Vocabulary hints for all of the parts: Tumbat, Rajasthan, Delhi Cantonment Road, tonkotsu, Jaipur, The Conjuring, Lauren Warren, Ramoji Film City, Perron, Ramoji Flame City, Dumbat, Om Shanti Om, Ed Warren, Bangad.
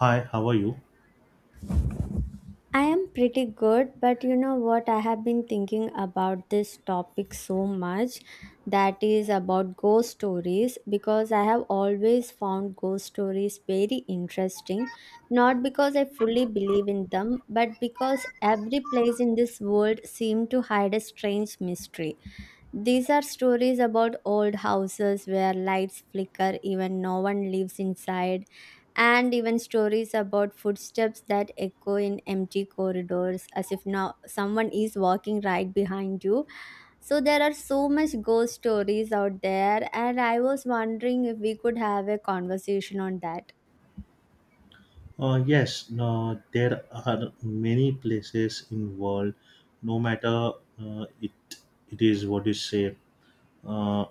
Hi, how are you? I am pretty good, but you know what? I have been thinking about this topic so much that is about ghost stories because I have always found ghost stories very interesting. Not because I fully believe in them, but because every place in this world seems to hide a strange mystery. These are stories about old houses where lights flicker even no one lives inside and even stories about footsteps that echo in empty corridors as if now someone is walking right behind you so there are so much ghost stories out there and I was wondering if we could have a conversation on that. Yes, no, there are many places in world. No matter uh, it, it is what you say. Uh,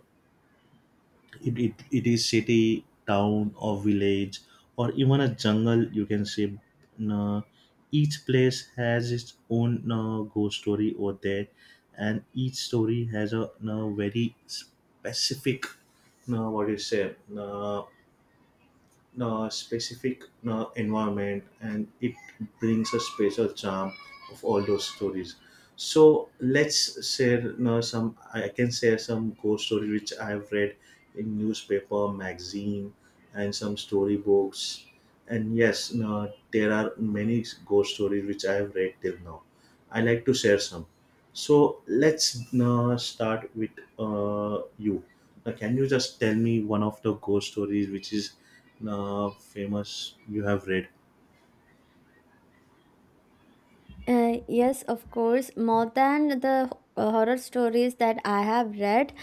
it is city, town, or village, or even a jungle. You can say. Uh, each place has its own ghost story over there, and each story has a, very specific. What you say? Specific environment, and it brings a special charm of all those stories. So let's share some I can share some ghost story which I've read in newspaper, magazine, and some storybooks. And yes, there are many ghost stories which I have read till now. I like to share some. So let's start with you now, can you just tell me one of the ghost stories which is famous you have read? Yes, of course, more than the horror stories that I have read.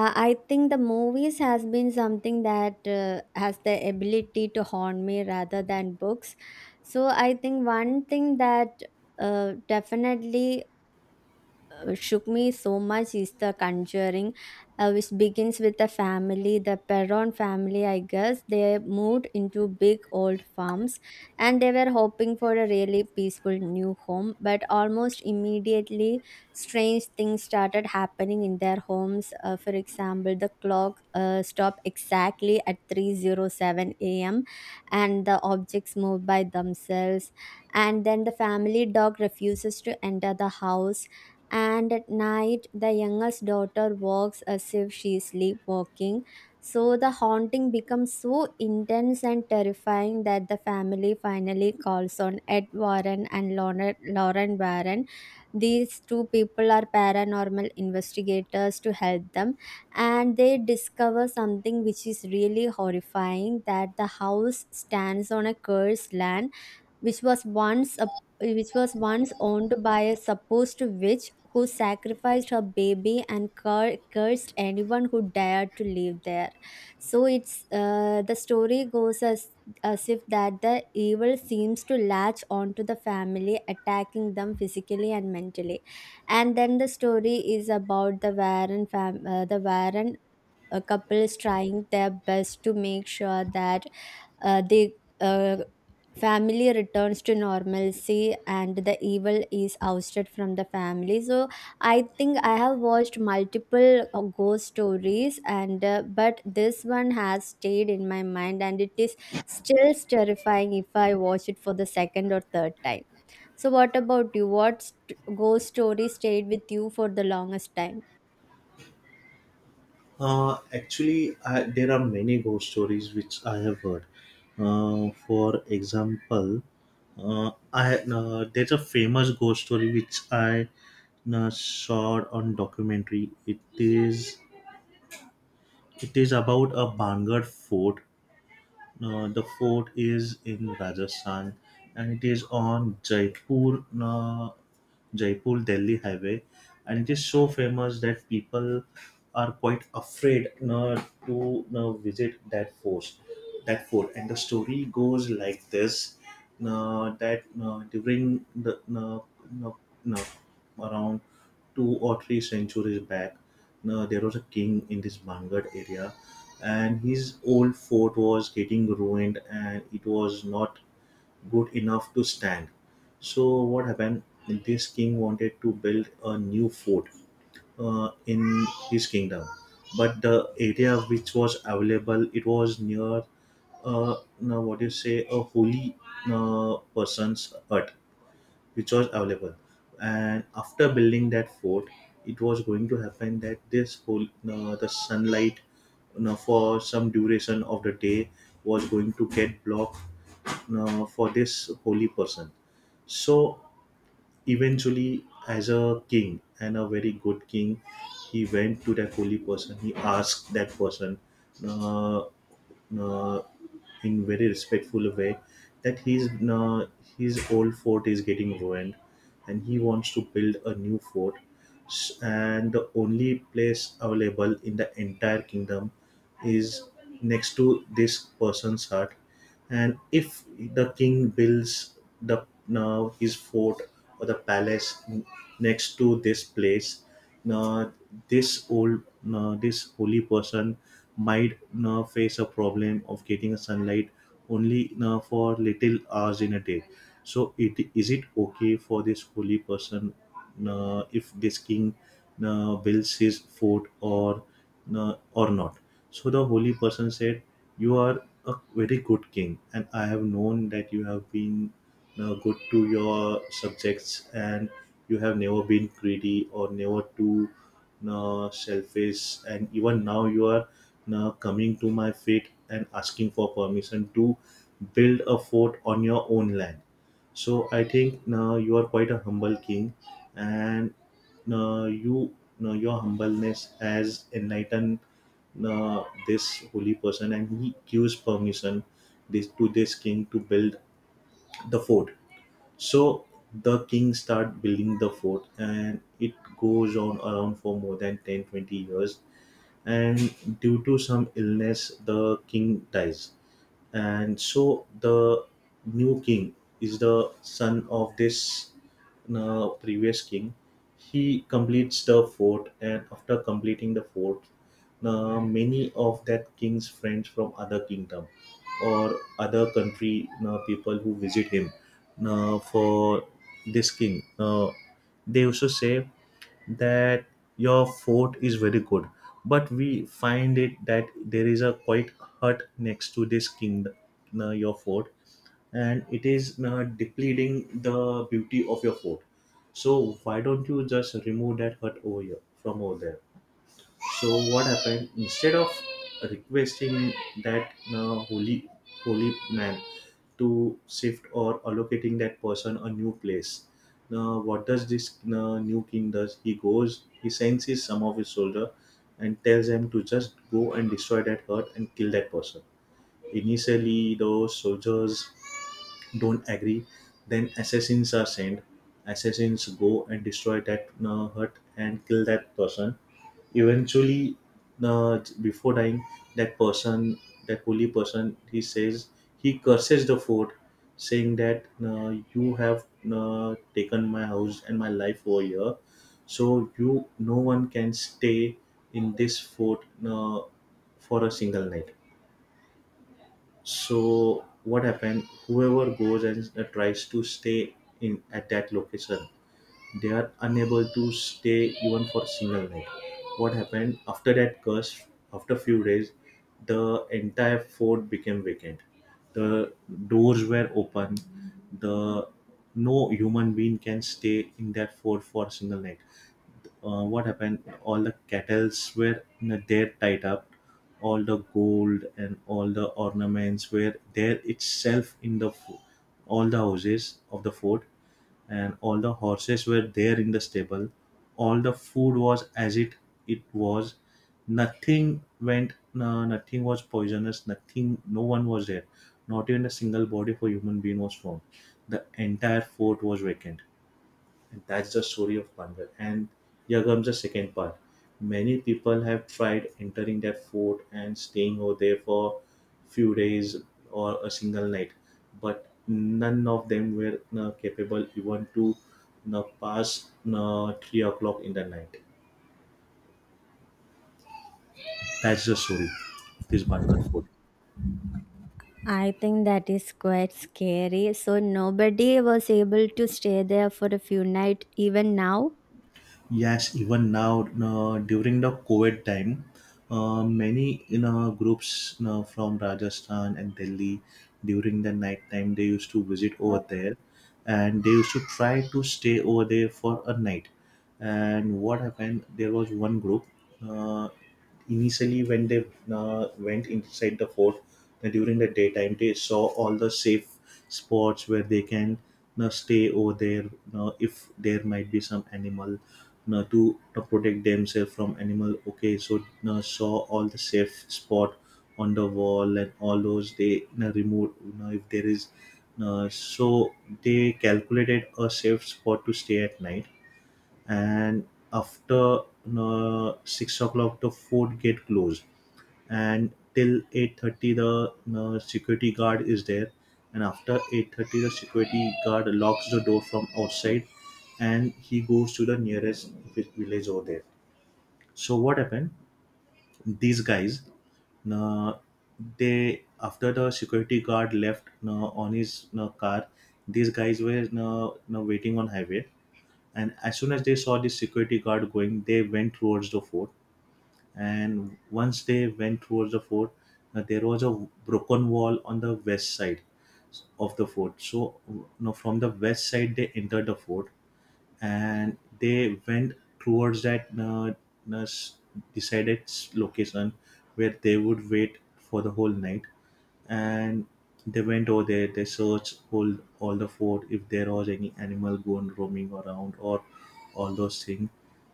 I think the movies has been something that has the ability to haunt me rather than books. So I think one thing that definitely shook me so much is The Conjuring, which begins with the family, the Perron family, I guess. They moved into big old farms and they were hoping for a really peaceful new home, but almost immediately, strange things started happening in their homes. For example, the clock stopped exactly at 3:07 a.m. and the objects moved by themselves, and then the family dog refuses to enter the house, and at night the youngest daughter walks as if she is sleepwalking. So the haunting becomes so intense and terrifying that the family finally calls on Ed Warren and Lauren Warren. These two people are paranormal investigators to help them, and they discover something which is really horrifying, that the house stands on a cursed land which was which was once owned by a supposed witch who sacrificed her baby and cursed anyone who dared to live there. So it's the story goes as if that the evil seems to latch onto the family, attacking them physically and mentally. And then the story is about the the Warren couples trying their best to make sure that the uh, family returns to normalcy and the evil is ousted from the family. So I think I have watched multiple ghost stories, and but this one has stayed in my mind, and it is still terrifying if I watch it for the second or third time. So, what about you? Ghost story stayed with you for the longest time? Actually, there are many ghost stories which I have heard. For example, I there's a famous ghost story which I saw on documentary. It is about a Bangad fort. The fort is in Rajasthan, and it is on Jaipur. Jaipur Delhi highway, and it is so famous that people are quite afraid to visit that fort. That fort, and the story goes like this: that during the uh, uh, around 2 or 3 centuries back, there was a king in this Bangad area, and his old fort was getting ruined, and it was not good enough to stand. So what happened? This king wanted to build a new fort in his kingdom, but the area which was available, it was near uh, now what do you say, a holy person's hut which was available. And after building that fort, it was going to happen that this whole the sunlight you for some duration of the day was going to get blocked for this holy person. So eventually, as a king and a very good king, he went to that holy person. He asked that person uh, uh, in very respectful way that his old fort is getting ruined, and he wants to build a new fort. And the only place available in the entire kingdom is next to this person's hut. And if the king builds the now his fort or the palace next to this place, now this old now this holy person might now face a problem of getting a sunlight only now for little hours in a day. So it is it okay for this holy person now if this king now builds his fort or now or not? So the holy person said, you are a very good king, and I have known that you have been good to your subjects, and you have never been greedy or never too selfish. And even now, you are coming to my feet and asking for permission to build a fort on your own land. So I think now you are quite a humble king, and uh, you your humbleness has enlightened this holy person, and he gives permission this to this king to build the fort. So the king start building the fort, and it goes on around for more than 10, 20 years. And due to some illness, the king dies. And so the new king is the son of this previous king. He completes the fort, and after completing the fort, many of that king's friends from other kingdom or other country, people who visit him for this king they also say that your fort is very good, but we find it that there is a quite hut next to this kingdom, your fort, and it is depleting the beauty of your fort. So why don't you just remove that hut over here from over there? So what happened, instead of requesting that holy man to shift or allocating that person a new place, now what does this new king does, he goes, he sends his some of his soldier and tells them to just go and destroy that hut and kill that person. Initially, the soldiers don't agree. Then assassins are sent. Assassins go and destroy that hut and kill that person. Eventually, before dying, that person, that holy person, he says, he curses the fort, saying that you have taken my house and my life over here. So you, no one can stay in this fort for a single night. So what happened? Whoever goes and tries to stay in at that location, they are unable to stay even for single night. What happened after that curse? After few days, the entire fort became vacant. The doors were open. The no human being can stay in that fort for a single night. What happened, all the kettles were there tied up, all the gold and all the ornaments were there itself in the all the houses of the fort, and all the horses were there in the stable, all the food was as it was, nothing went no, nothing was poisonous, nothing no one was there, not even a single body for human being was found. The entire fort was vacant. And that's the story of Bandar. And here comes the second part. Many people have tried entering that fort and staying over there for few days or a single night, but none of them were capable even to pass 3 o'clock in the night. That's the story of this Bandar fort. I think that is quite scary. So nobody was able to stay there for a few nights. Even now, Yes, even now during the COVID time, many, you know, groups, you know, from Rajasthan and Delhi during the night time, they used to visit over there, and they used to try to stay over there for a night. And what happened? There was one group. Uh, Initially, when they went inside the fort during the daytime, they saw all the safe spots where they can stay over there if there might be some animal to protect themselves from animal. Okay, so saw all the safe spot on the wall and all those, they removed you if there is so they calculated a safe spot to stay at night. And after 6 o'clock, the fort get closed, and till 8:30 the security guard is there, and after 8:30 the security guard locks the door from outside, and he goes to the nearest village over there. So what happened, these guys, uh, they, after the security guard left on his car, these guys were waiting on highway, and as soon as they saw the security guard going, they went towards the fort. And once they went towards the fort, there was a broken wall on the west side of the fort. So now from the west side they entered the fort, and they went towards that nurse decided location where they would wait for the whole night. And they went over there, they searched all the fort if there was any animal going roaming around or all those things.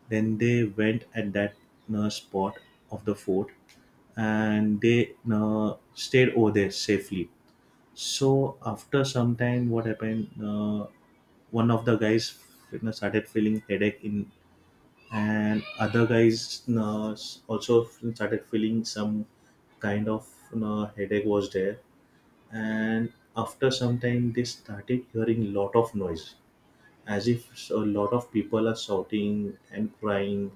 Then they went at that spot of the fort, and they stayed over there safely. So after some time, what happened? One of the guys, you know, started feeling headache in, and other guys, you know, also started feeling some kind of, you know, headache was there. And after some time, they started hearing lot of noise, as if a lot of people are shouting and crying.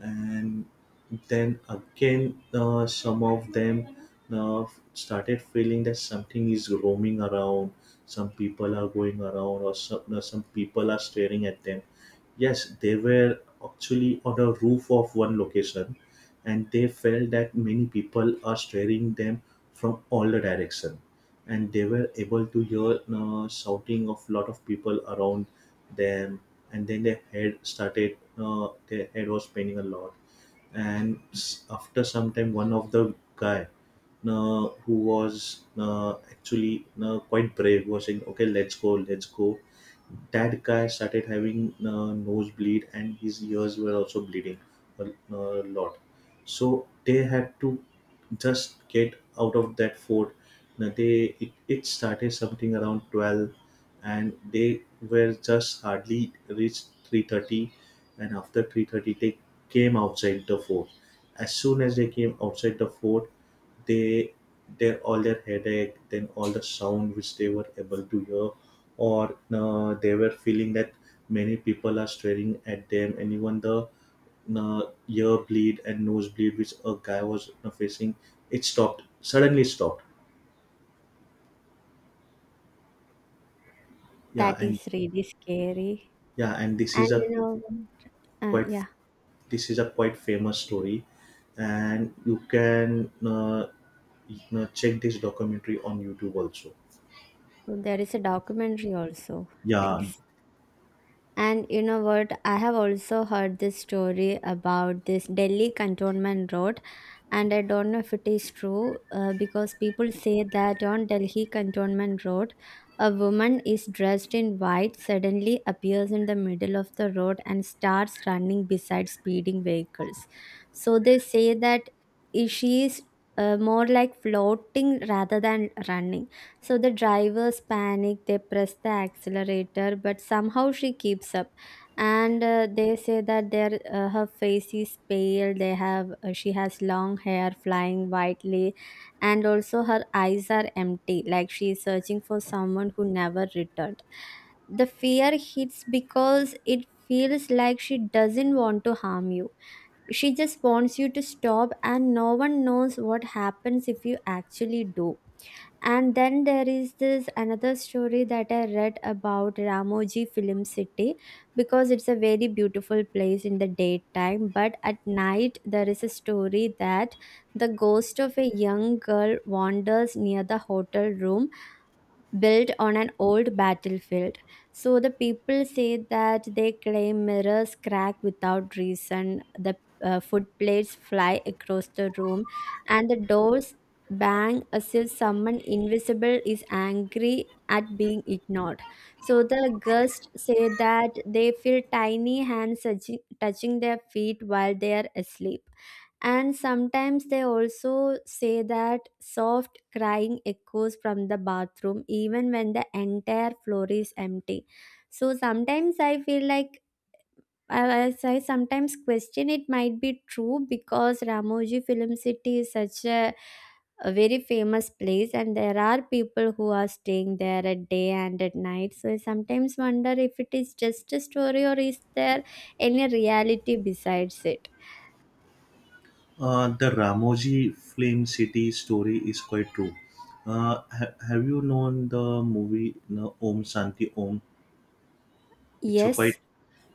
And then again some of them uh, started feeling that something is roaming around, some people are going around, or some people are staring at them. Yes, they were actually on the roof of one location, and they felt that many people are staring them from all the direction, and they were able to hear shouting of lot of people around them. And then their head started their head was paining a lot. And after some time, one of the guy who was actually quite brave was saying, okay, let's go, let's go. That guy started having nosebleed, and his ears were also bleeding a, a lot. So they had to just get out of that fort. Now they, it started something around 12, and they were just hardly reached 3:30. And after 3:30, they came outside the fort. As soon as they came outside the fort, they, their all their headache, then all the sound which they were able to hear or they were feeling that many people are staring at them, and even the uh, ear bleed and nose bleed which a guy was facing, it stopped, suddenly stopped. Yeah. that And is really scary. yeah, and this And is a you know, quite, yeah. this is a quite famous story, and you can you know, check this documentary on YouTube also. So, there is a documentary also. Yeah. Nice. And you know what? I have also heard this story about this Delhi Cantonment Road, and I don't know if it is true because people say that on Delhi Cantonment Road, a woman is dressed in white suddenly appears in the middle of the road and starts running beside speeding vehicles. So they say that she is more like floating rather than running. So the drivers panic, they press the accelerator, but somehow she keeps up. And they say that their her face is pale. They have She has long hair flying widely, and also her eyes are empty, like she is searching for someone who never returned. The fear hits because it feels like she doesn't want to harm you. She just wants you to stop, and no one knows what happens if you actually do. And then there is this another story that I read about Ramoji Film City, because it's a very beautiful place in the daytime. But at night, there is a story that the ghost of a young girl wanders near the hotel room built on an old battlefield. So the people say that they claim mirrors crack without reason, the food fly across the room, and the doors bang as if someone invisible is angry at being ignored. So the ghosts say that they feel tiny hands touching their feet while they are asleep. And sometimes they also say that soft crying echoes from the bathroom even when the entire floor is empty. So sometimes I feel like I sometimes question it might be true because Ramoji Film City is such a very famous place and there are people who are staying there at day and at night. So I sometimes wonder if it is just a story or is there any reality besides it. The Ramoji Flame City story is quite true. Have you known the movie no, Om Shanti Om? It's a quite Yes.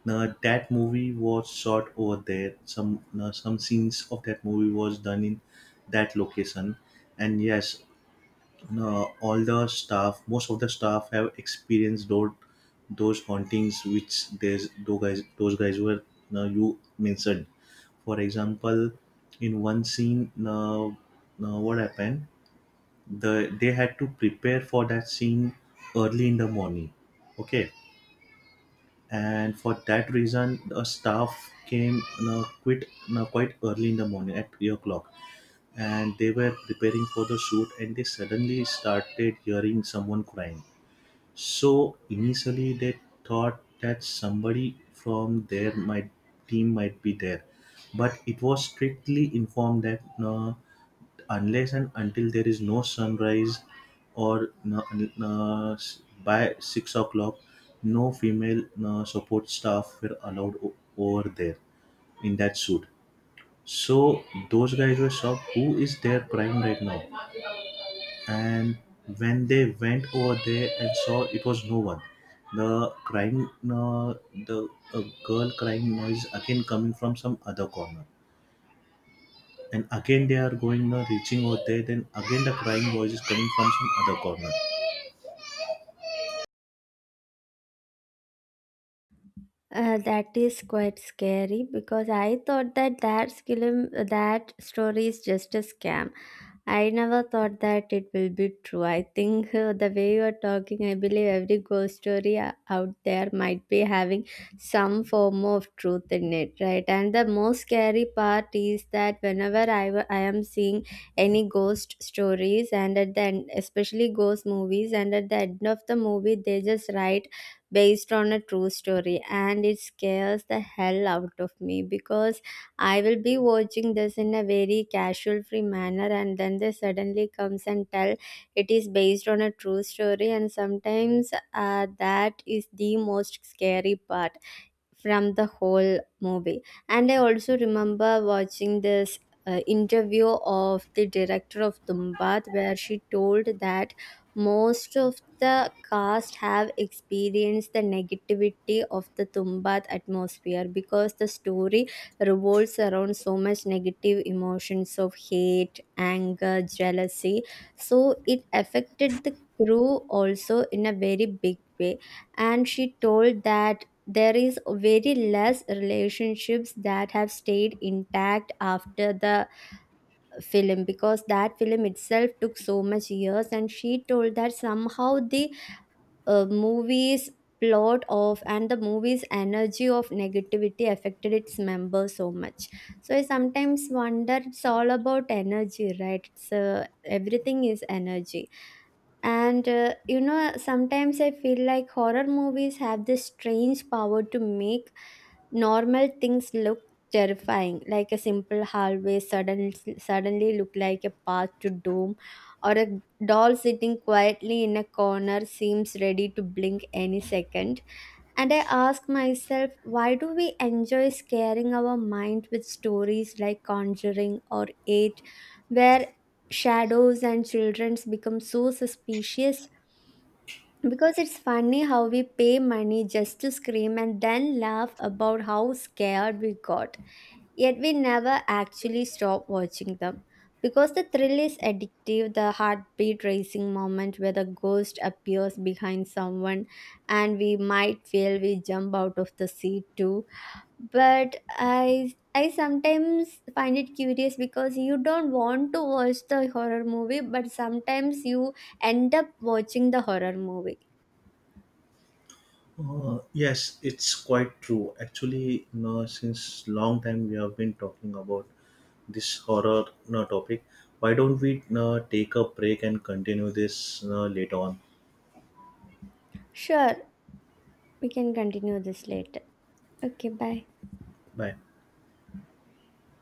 no, that movie was shot over there. Some no, some scenes of that movie was done in that location, and yes, no, all the staff, most of the staff have experienced those hauntings which there's those guys were no, you mentioned. For example, in one scene, now now what happened? The they had to prepare for that scene early in the morning. Okay, and for that reason, the staff came now quit now quite early in the morning at 3 o'clock, and they were preparing for the shoot, and they suddenly started hearing someone crying. So initially they thought that somebody from their my team might be there, but it was strictly informed that no, unless and until there is no sunrise or no, no, by 6 o'clock, no female no, support staff were allowed over there in that suit. So those guys were shocked. Who is their prime right now? And when they went over there and saw, it was no one. The crying the girl crying noise again coming from some other corner. And again they are going reaching over there, then again the crying voice is coming from some other corner. That is quite scary because I thought that that film, that story is just a scam. I never thought that it will be true. I think the way you are talking, I believe every ghost story out there might be having some form of truth in it, right? And the most scary part is that whenever I am seeing any ghost stories, and at the end, especially ghost movies, and at the end of the movie, they just write based on a true story, and it scares the hell out of me because I will be watching this in a very casual free manner and then they suddenly comes and tell it is based on a true story, and sometimes that is the most scary part from the whole movie. And I also remember watching this interview of the director of Dumbat where she told that most of the cast have experienced the negativity of the Tumbat atmosphere because the story revolves around so much negative emotions of hate, anger, jealousy. So it affected the crew also in a very big way, and she told that there is very less relationships that have stayed intact after the film because that film itself took so much years, and she told that somehow the movie's plot of and the movie's energy of negativity affected its members so much. So I sometimes wonder it's all about energy, right? It's everything is energy. And sometimes I feel like horror movies have this strange power to make normal things look terrifying, like a simple hallway suddenly look like a path to doom, or a doll sitting quietly in a corner seems ready to blink any second. And I ask myself, why do we enjoy scaring our mind with stories like Conjuring or Eight, where shadows and children become so suspicious? Because it's funny how we pay money just to scream and then laugh about how scared we got. Yet we never actually stop watching them because the thrill is addictive, the heartbeat racing moment where the ghost appears behind someone and we might feel we jump out of the seat too. But I sometimes find it curious because you don't want to watch the horror movie, but sometimes you end up watching the horror movie. Yes, it's quite true. Actually, you know, since long time we have been talking about this horror, you know, topic. Why don't we, you know, take a break and continue this, you know, later on. Sure, we can continue this later. Okay, bye. Bye.